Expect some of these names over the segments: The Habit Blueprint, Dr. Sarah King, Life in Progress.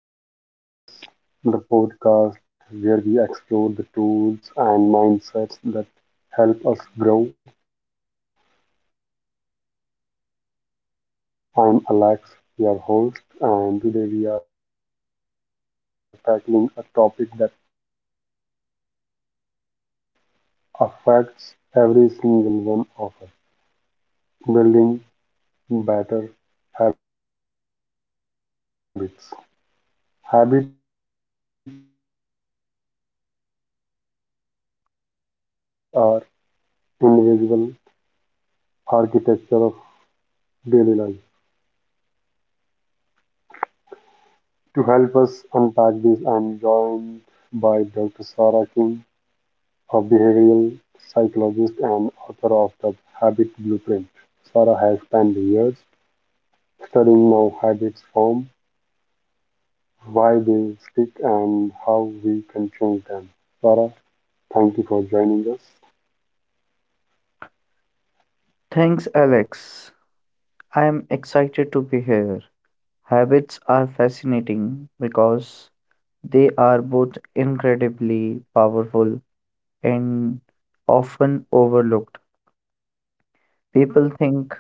to Life in Progress, the podcast where we explore the tools and mindsets that help us grow. I'm Alex, your host, and today we are tackling a topic that affects every single one of us: building better habits. Habits shape our days, and our days shape our life. Whether it's exercising, eating well, reading, or even how we check our phones, habits are invisible architecture of daily life. To help us unpack this, I'm joined by Dr. Sarah King, a behavioral psychologist and author of The Habit Blueprint. Sarah has spent years studying how habits form, why they stick, and how we can change them. Sarah, thank you for joining us. Thanks, Alex. I am excited to be here. Habits are fascinating because they are both incredibly powerful and often overlooked. People think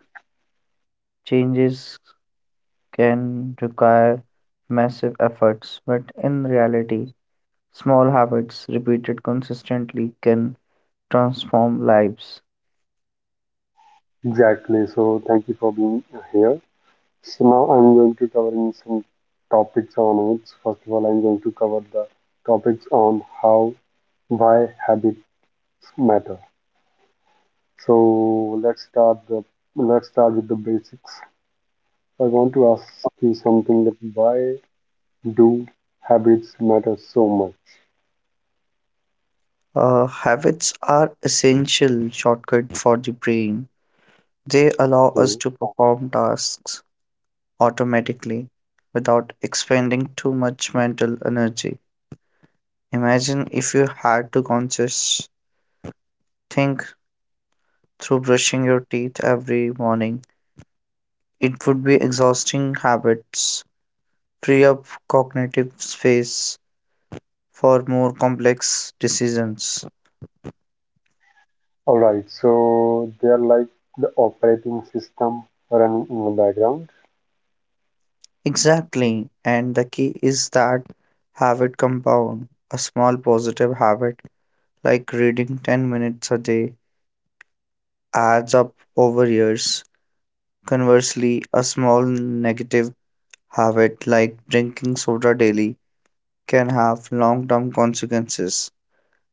changes can require massive efforts, but in reality, small habits repeated consistently can transform lives. Exactly. So, thank you for being here. So now I'm going to cover some topics on it. So first of all, I'm going to cover the topics on how, why habits matter. So let's start with the basics. So I want to ask you something: that why do habits matter so much? Habits are essential shortcut for the brain. They allow us Okay. to perform tasks automatically without expending too much mental energy. Imagine if you had to conscious think through brushing your teeth every morning. It would be exhausting habits, free up cognitive space for more complex decisions. All right, so they are like the operating system running in the background. Exactly, and the key is that habit compound. A small positive habit like reading 10 minutes a day adds up over years. Conversely, a small negative habit like drinking soda daily can have long term consequences.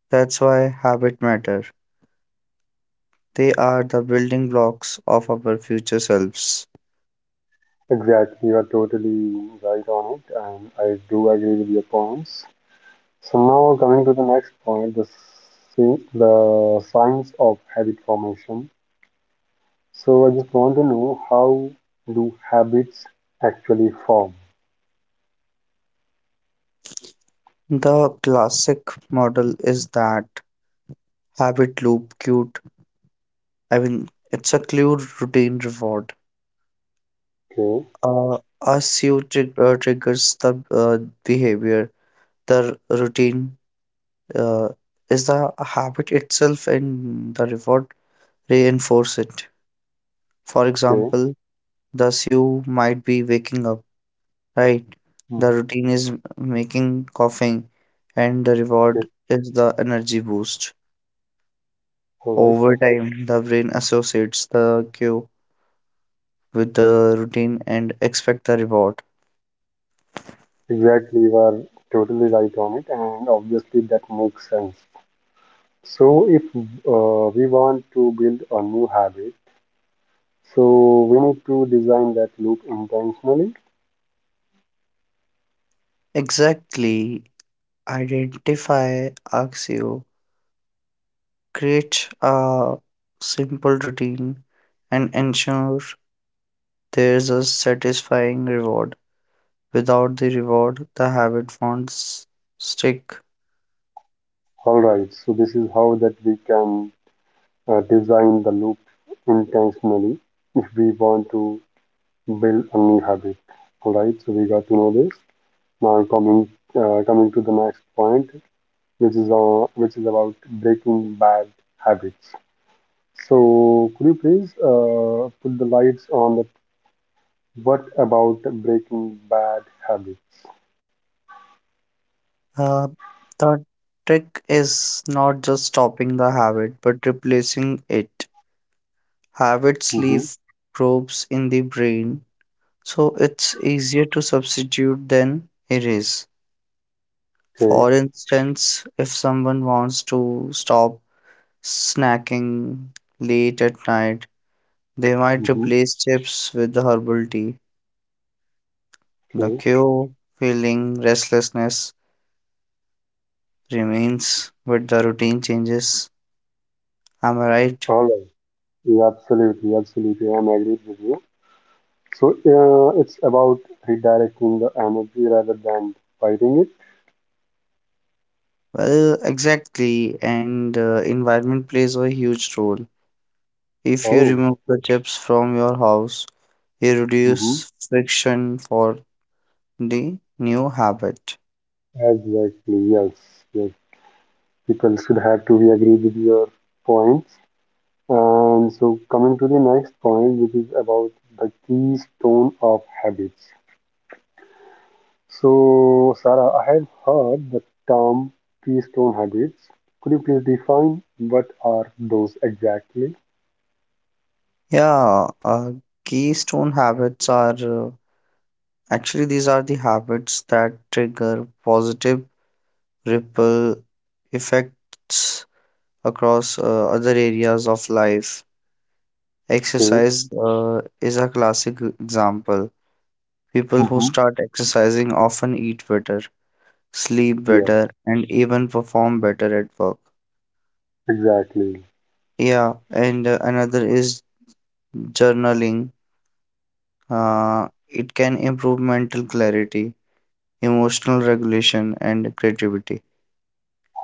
That's why habits matter. They are the building blocks of our future selves. Exactly, you are totally right on it, and I do agree with your points. So now coming to the next point, the science of habit formation. So I just want to know, how do habits actually form? The classic model is that habit loop cute. I mean, it's a clear routine reward. Okay, A cue triggers the behavior, the routine uh, is the habit itself and the reward reinforce it. For okay, example, thus you might be waking up, right? The mhm, routine is making coughing, and the okay. reward is the energy boost. All right. Over time, the brain associates the cue with the routine and expect the reward. Exactly, you are totally right on it, and obviously that makes sense. So if we want to build a new habit, so we need to design that loop intentionally. Exactly. Identify axio. Create a simple routine and ensure there's a satisfying reward. Without the reward, the habit won't stick. All right. So this is how that we can design the loop intentionally if we want to build a new habit. All right, so we got to know this. Now coming to the next point, which is about breaking bad habits. So could you please put the lights on that? What about breaking bad habits? Uh, the trick is not just stopping the habit, but replacing it. Habits Mm-hmm. leave probes in the brain, so it's easier to substitute than erase. Okay. For instance, if someone wants to stop snacking late at night, they might Mm-hmm. replace chips with herbal tea. The Okay. cue feeling restlessness remains, but the routine changes. Am I right? All right. Yeah, absolutely, absolutely, I'm agreed with you. So it's about redirecting the energy rather than fighting it. Well, exactly, and environment plays a huge role. If you Oh, remove the chips from your house, you mm-hmm, reduce friction for the new habit. exactly. Yes, yes. People should have to be agree with your points. And so coming to the next point, which is about the keystone of habits. So Sarah, I have heard the term keystone habits. Could you please define what are those exactly? Yeah, keystone habits are actually these are the habits that trigger positive ripple effects across other areas of life. Okay. Exercise is a classic example. People who Mm-hmm. start exercising often eat better, sleep Yes, better, and even perform better at work. exactly. Yeah, and another is journaling. It can improve mental clarity, emotional regulation, and creativity.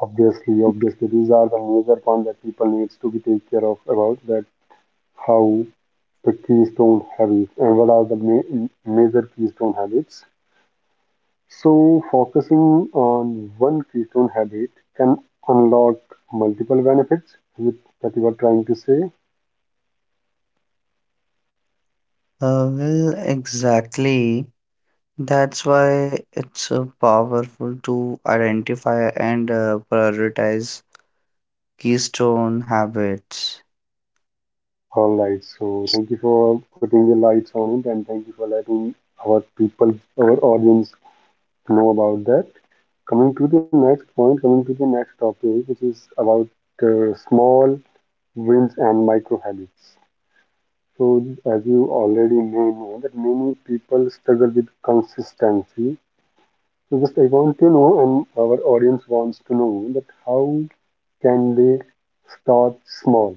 Obviously, obviously, these are the major points that people needs to be take care of about that, how the keystone habits and what are the major keystone habits. So, focusing on one keystone habit can unlock multiple benefits with, that you are trying to say. Well, exactly. That's why it's powerful to identify and prioritize keystone habits. All right. So, thank you for putting the lights on it, and thank you for letting our people, our audience, know about that. Coming to the next point, coming to the next topic, which is about small winds and microhabits. So, as you already may know, that many people struggle with consistency. So, just I want to know, and our audience wants to know, that how can they start small?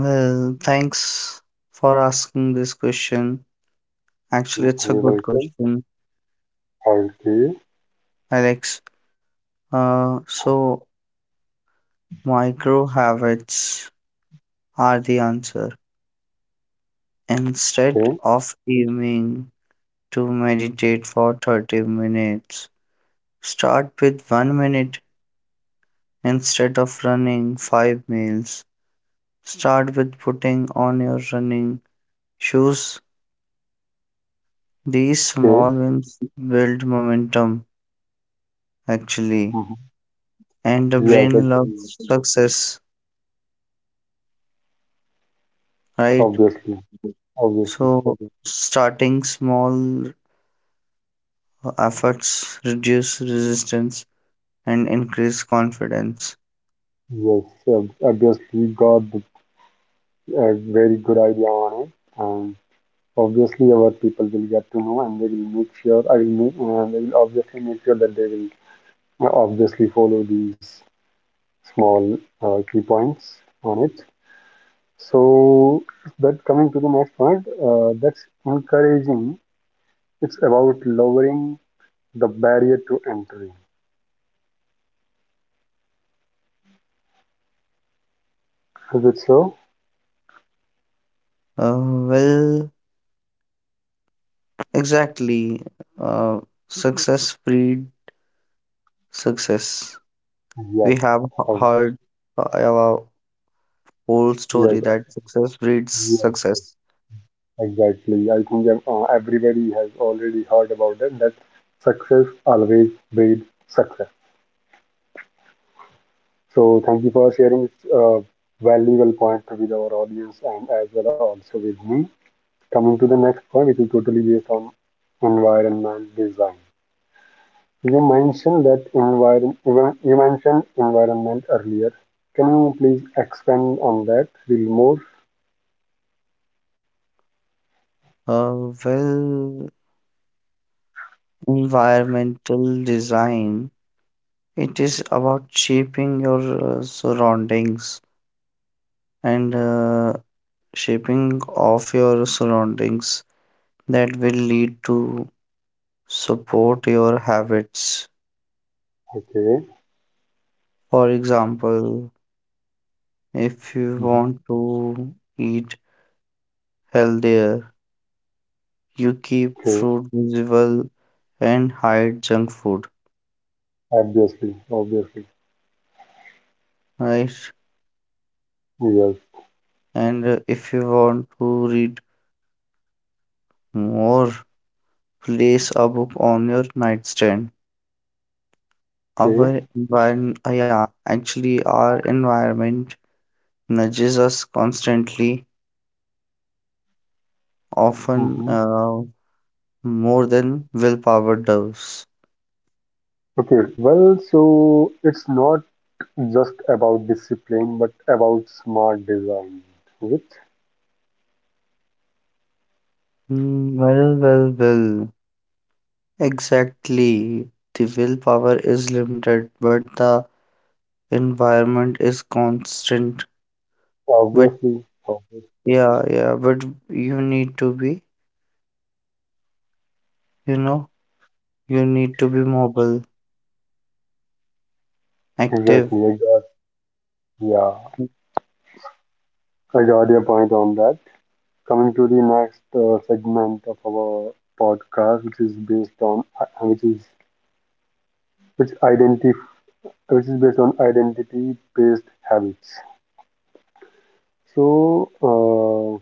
Well, thanks for asking this question. We Actually, it's a good welcome. question, Okay, Alex. So, micro habits are the answer. Instead okay, of aiming to meditate for 30 minutes, start with one minute. Instead of running 5 miles, start with putting on your running shoes. These small okay. wins build momentum actually. Hmm. And the Yes, brain actually, loves success, right? obviously, obviously. So starting small efforts reduce resistance and increase confidence. Yes, obviously, you got a very good idea on it. Obviously, our people will get to know, and they will make sure. I will make. They will obviously make sure that they will obviously follow these small key points on it. So that coming to the next point, that's encouraging. It's about lowering the barrier to entry. Is it so? Uh, well, exactly. Uh, Success breed success. Yes. We have Obvious. heard our whole story Yes. that success breeds Yes. Yes. success. Exactly. I think everybody has already heard about it, that success always breeds success. So thank you for sharing this valuable point with our audience and as well also with me. Coming to the next point, which is totally based on environment design. You mentioned that environment. You mentioned environment earlier. Can you please expand on that a little more? Well, environmental design, it is about shaping your surroundings and shaping of your surroundings that will lead to support your habits. Okay. For example, if you Hmm. want to eat healthier, you keep Okay. fruit visible and hide junk food, Obviously. Obviously. right? Yes. And if you want to read more, place a book on your nightstand. Okay. Our environment, yeah, actually, our environment nudges us constantly, often Hmm. More than willpower does. Okay. Well, so it's not just about discipline, but about smart design. Is it? Well. Exactly. The willpower is limited, but the environment is constant. But Obviously, obviously, yeah, but you need to be, you know, you need to be mobile, active. exactly. I got, yeah, I got your point on that. Coming to the next segment of our podcast, which is based on, which is which identity, which is based on identity-based habits. So,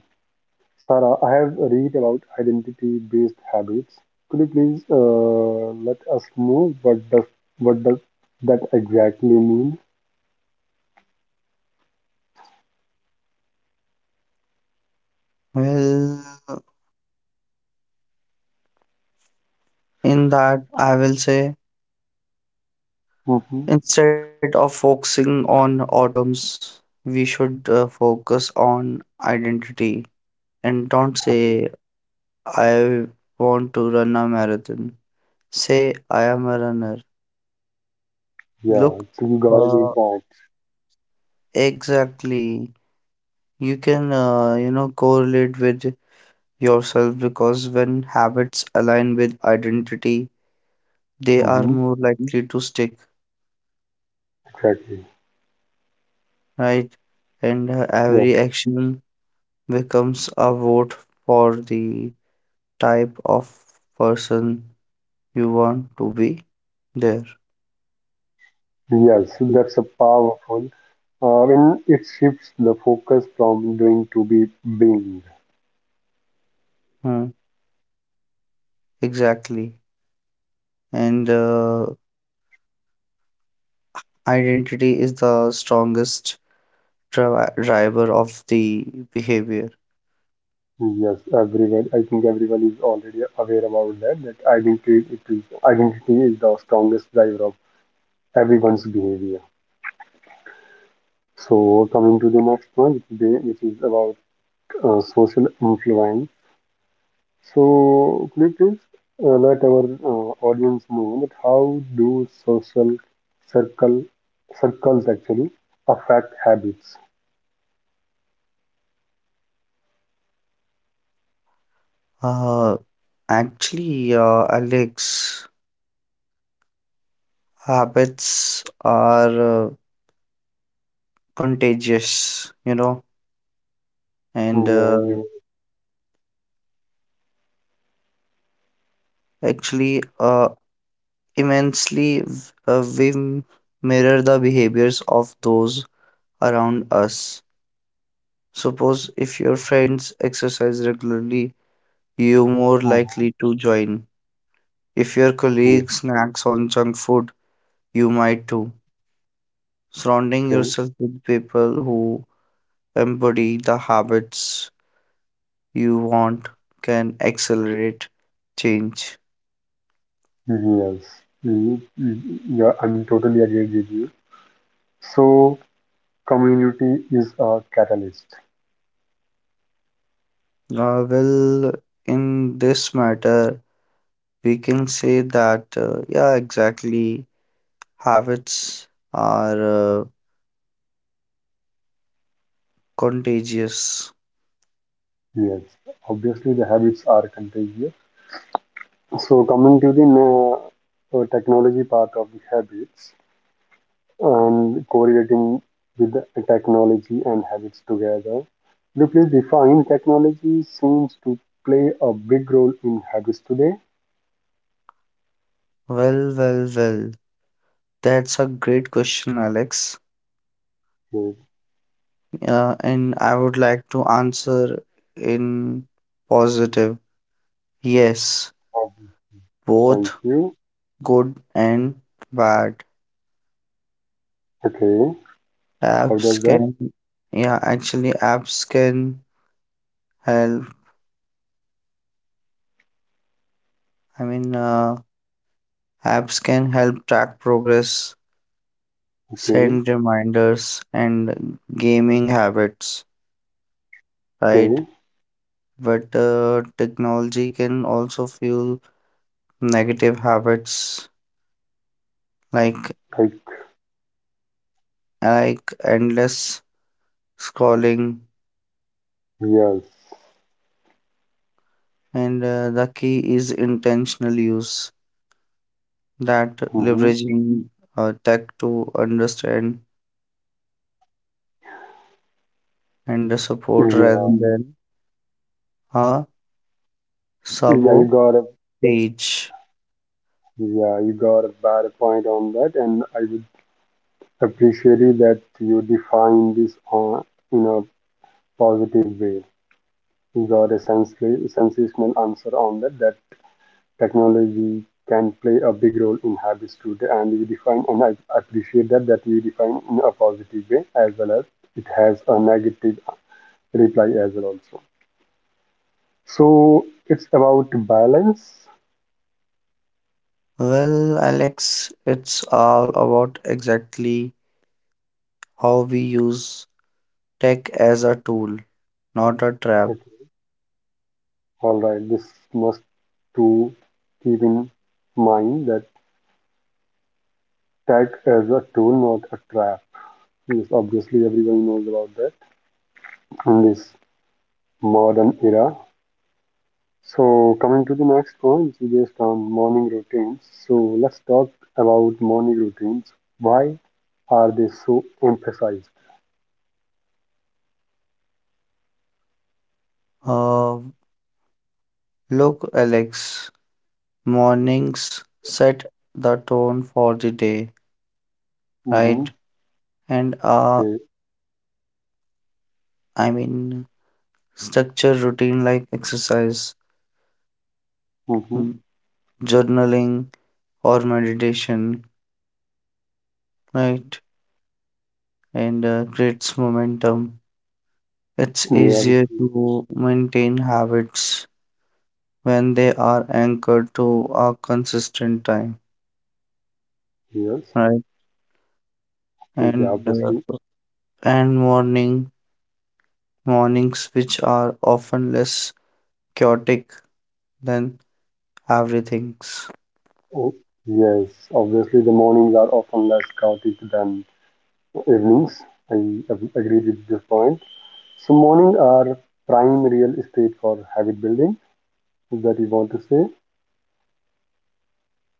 Sarah, I have read about identity-based habits. Could you please let us know, what does what does that exactly mean? Well, in that, I will say. Mm-hmm. Instead of focusing on outcomes, we should focus on identity and don't Okay. say, I want to run a marathon. Say, I am a runner. Yeah, Look, so you got a good uh, exactly. You can, you know, correlate with yourself because when habits align with identity, they are point. more likely to stick, Exactly. right? And Yeah. every action becomes a vote for the type of person you want to be there. Yes, that's a powerful. When it shifts the focus from doing to be being. Hmm, exactly. And identity is the strongest driver of the behavior. Yes, everyone. I think everyone is already aware about that, that identity is the strongest driver of everyone's behavior. So coming to the next one, which is about social influence. So, could you please let our audience know that how do social circle circles actually affect habits? Uh, actually, Alex, habits are contagious, you know, and Yeah, you, actually, uh, immensely, we mirror the behaviors of those around us. Suppose if your friends exercise regularly, you're more mhm, likely to join. If your yeah, colleague snacks on junk food, you might too. Surrounding okay. yourself with people who embody the habits you want can accelerate change. Mm-hmm, yes, mm, mm, yeah, I'm totally agree with you. So, community is a catalyst. Well, in this matter, we can say that, yeah, exactly, habits are uh, contagious. Yes, obviously the habits are contagious. So, coming to the technology part of the habits, and correlating with the technology and habits together. Please define, technology seems to play a big role in habits today? Well. That's a great question, Alex. Okay, And I would like to answer in positive. Yes, oh, thank both you. good and bad. Okay, how Apps does that? can, yeah, actually, apps can help. I mean, apps can help track progress, Okay, send reminders, and gaming habits, right? okay, But technology can also fuel negative habits like like, endless scrolling, yes. and the key is intentional use that Mm-hmm. leveraging tech to understand and support rather Yeah, than a yeah, you sabotage. got a yeah, you got a bad point on that, and I would appreciate you that you define this on in a positive way. You got a sensational answer on that. That technology can play a big role in habits today, and you define, and I appreciate that, that you define in a positive way as well as it has a negative reply as well also. So it's about balance. Well, Alex, it's all about exactly how we use tech as a tool, not a trap. Okay, all right, this must to keep in mind, that tech as a tool, not a trap. Yes, obviously everyone knows about that in this modern era. So, coming to the next point, so based on morning routines. So, let's talk about morning routines. Why are they so emphasized? Uh, Look, Alex, mornings set the tone for the day, right? Mm-hmm. and uh, Okay. I mean structure routine like exercise, Mm-hmm. m- journaling, or meditation, right? And creates momentum. It's Yeah, easier obviously. to maintain habits when they are anchored to a consistent time, Yes. right? Okay, yeah, And uh, obviously. and mornings which are often less chaotic than everything's. Oh, yes. Obviously, the mornings are often less chaotic than evenings. I agree with this point. So, morning are prime real estate for habit building. Is that you want to say?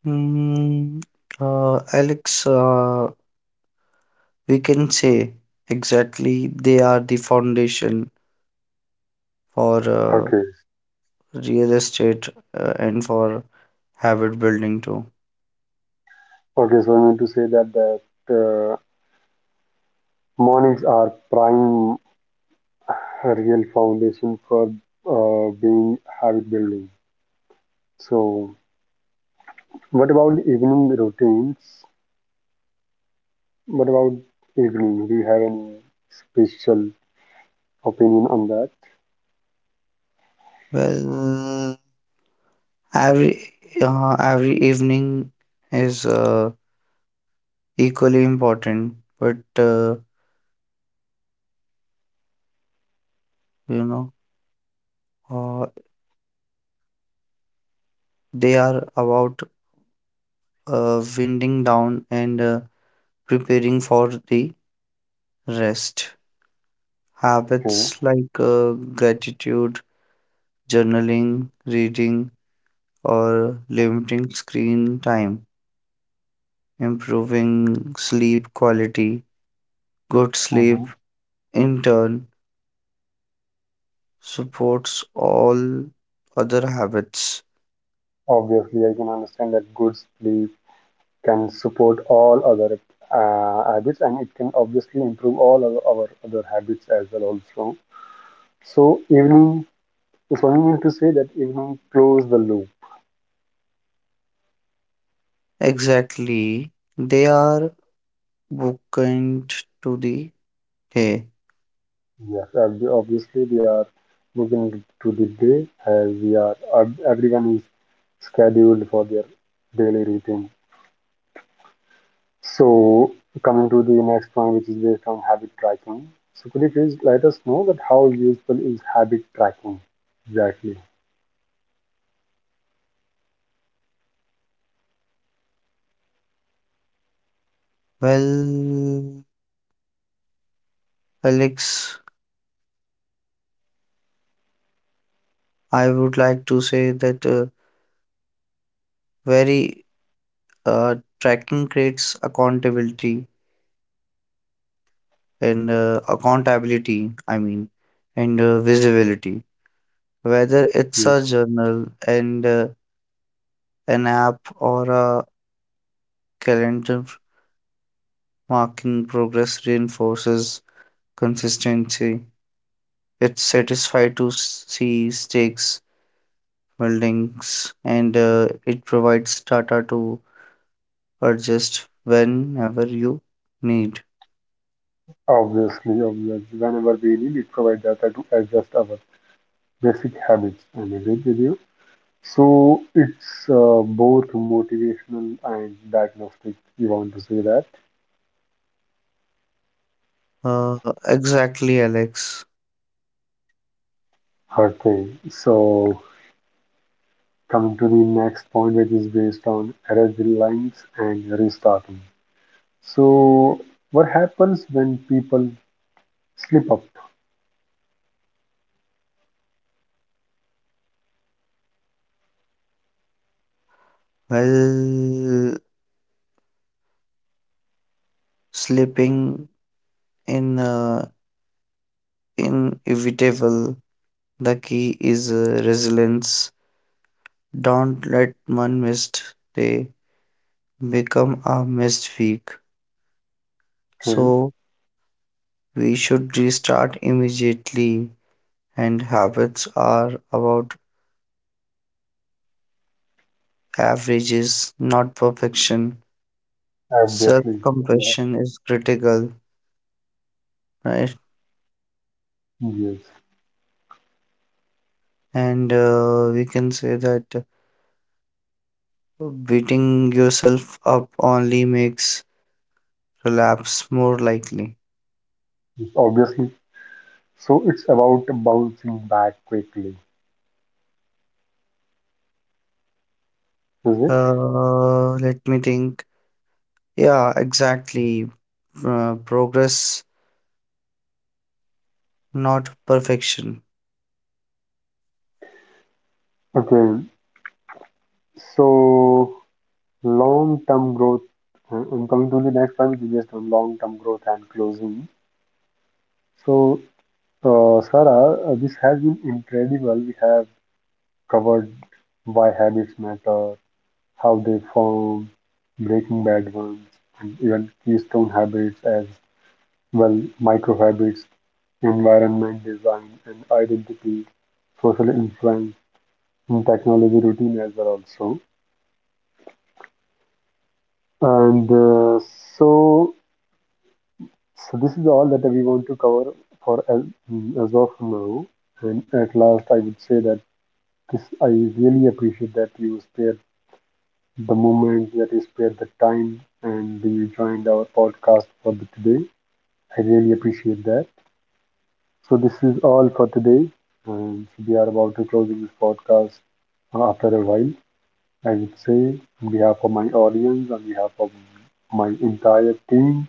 Mm, Alex, we can say exactly they are the foundation for Okay. real estate and for habit building too. Okay, so I mean to say that, mornings are prime real foundation for being habit building. So, what about evening routines? What about evening? Do you have any special opinion on that? Well, every every evening is equally important, but uh, you know, uh, they are about winding down and preparing for the rest. Okay. Habits like gratitude, journaling, reading, or limiting screen time, improving sleep quality. Good sleep, Hmm. in turn, supports all other habits. Obviously, I can understand that good sleep can support all other habits, and it can obviously improve all of our other habits as well. Also, so evening. So, you mean to say that evening close the loop. Exactly, they are bookend to the day. Yes, obviously we are working to the day, as we are, everyone is scheduled for their daily routine. So coming to the next one, which is based on habit tracking. So could you please let us know that how useful is habit tracking exactly? Well, Alex, I would like to say that very tracking creates accountability and accountability, I mean, and visibility. Whether it's a Yes, journal and an app or a calendar marking progress reinforces consistency. It's satisfying to see stakes buildings and it provides data to adjust whenever you need. obviously, obviously, whenever we need, it provide data to adjust our basic habits. I'm agreed with you. So it's both motivational and diagnostic. You want to say that? Uh, exactly, Alex. Her thing. So coming to the next point, which is based on error lines and restarting. So what happens when people slip up? Well, sleeping in inevitable. The key is resilience. Don't let one missed day become a missed week. Okay, So we should restart immediately, and habits are about averages, not perfection. Self obviously, yeah, compassion is critical, right? yes, And we can say that beating yourself up only makes relapse more likely. obviously. So it's about bouncing back quickly, is it? Let me think. Yeah, exactly. Progress, not perfection. Okay, so long-term growth. Uh, I'm coming to the next one, which is based on long-term growth and closing. So, Sarah, this has been incredible. We have covered why habits matter, how they form, breaking bad ones, and even keystone habits as well, micro habits, environment design and identity, social influence, and technology routine as well also. And so, so this is all that we want to cover for as of now. And at last, I would say that this I really appreciate that you spared the time and you joined our podcast for the today. I really appreciate that. So this is all for today, and so we are about to closing this podcast after a while. I would say, on behalf of my audience, on behalf of my entire team,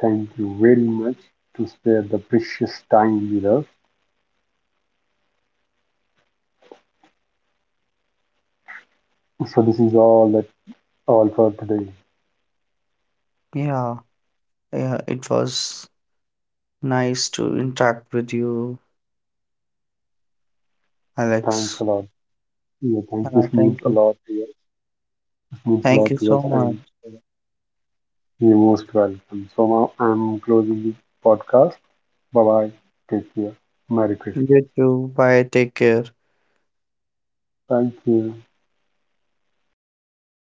thank you very much to spare the precious time with us. So this is all that all for today. Yeah, yeah, it was nice to interact with you, Thanks Alex. a lot. Yeah, thanks. Yeah, This means thank a you. lot. To us. This means a lot Thank to you us, so and much. you're most welcome. So now I'm closing the podcast. Bye bye. Take care. Merry Christmas. You too. Bye. Take care. Thank you. Yeah.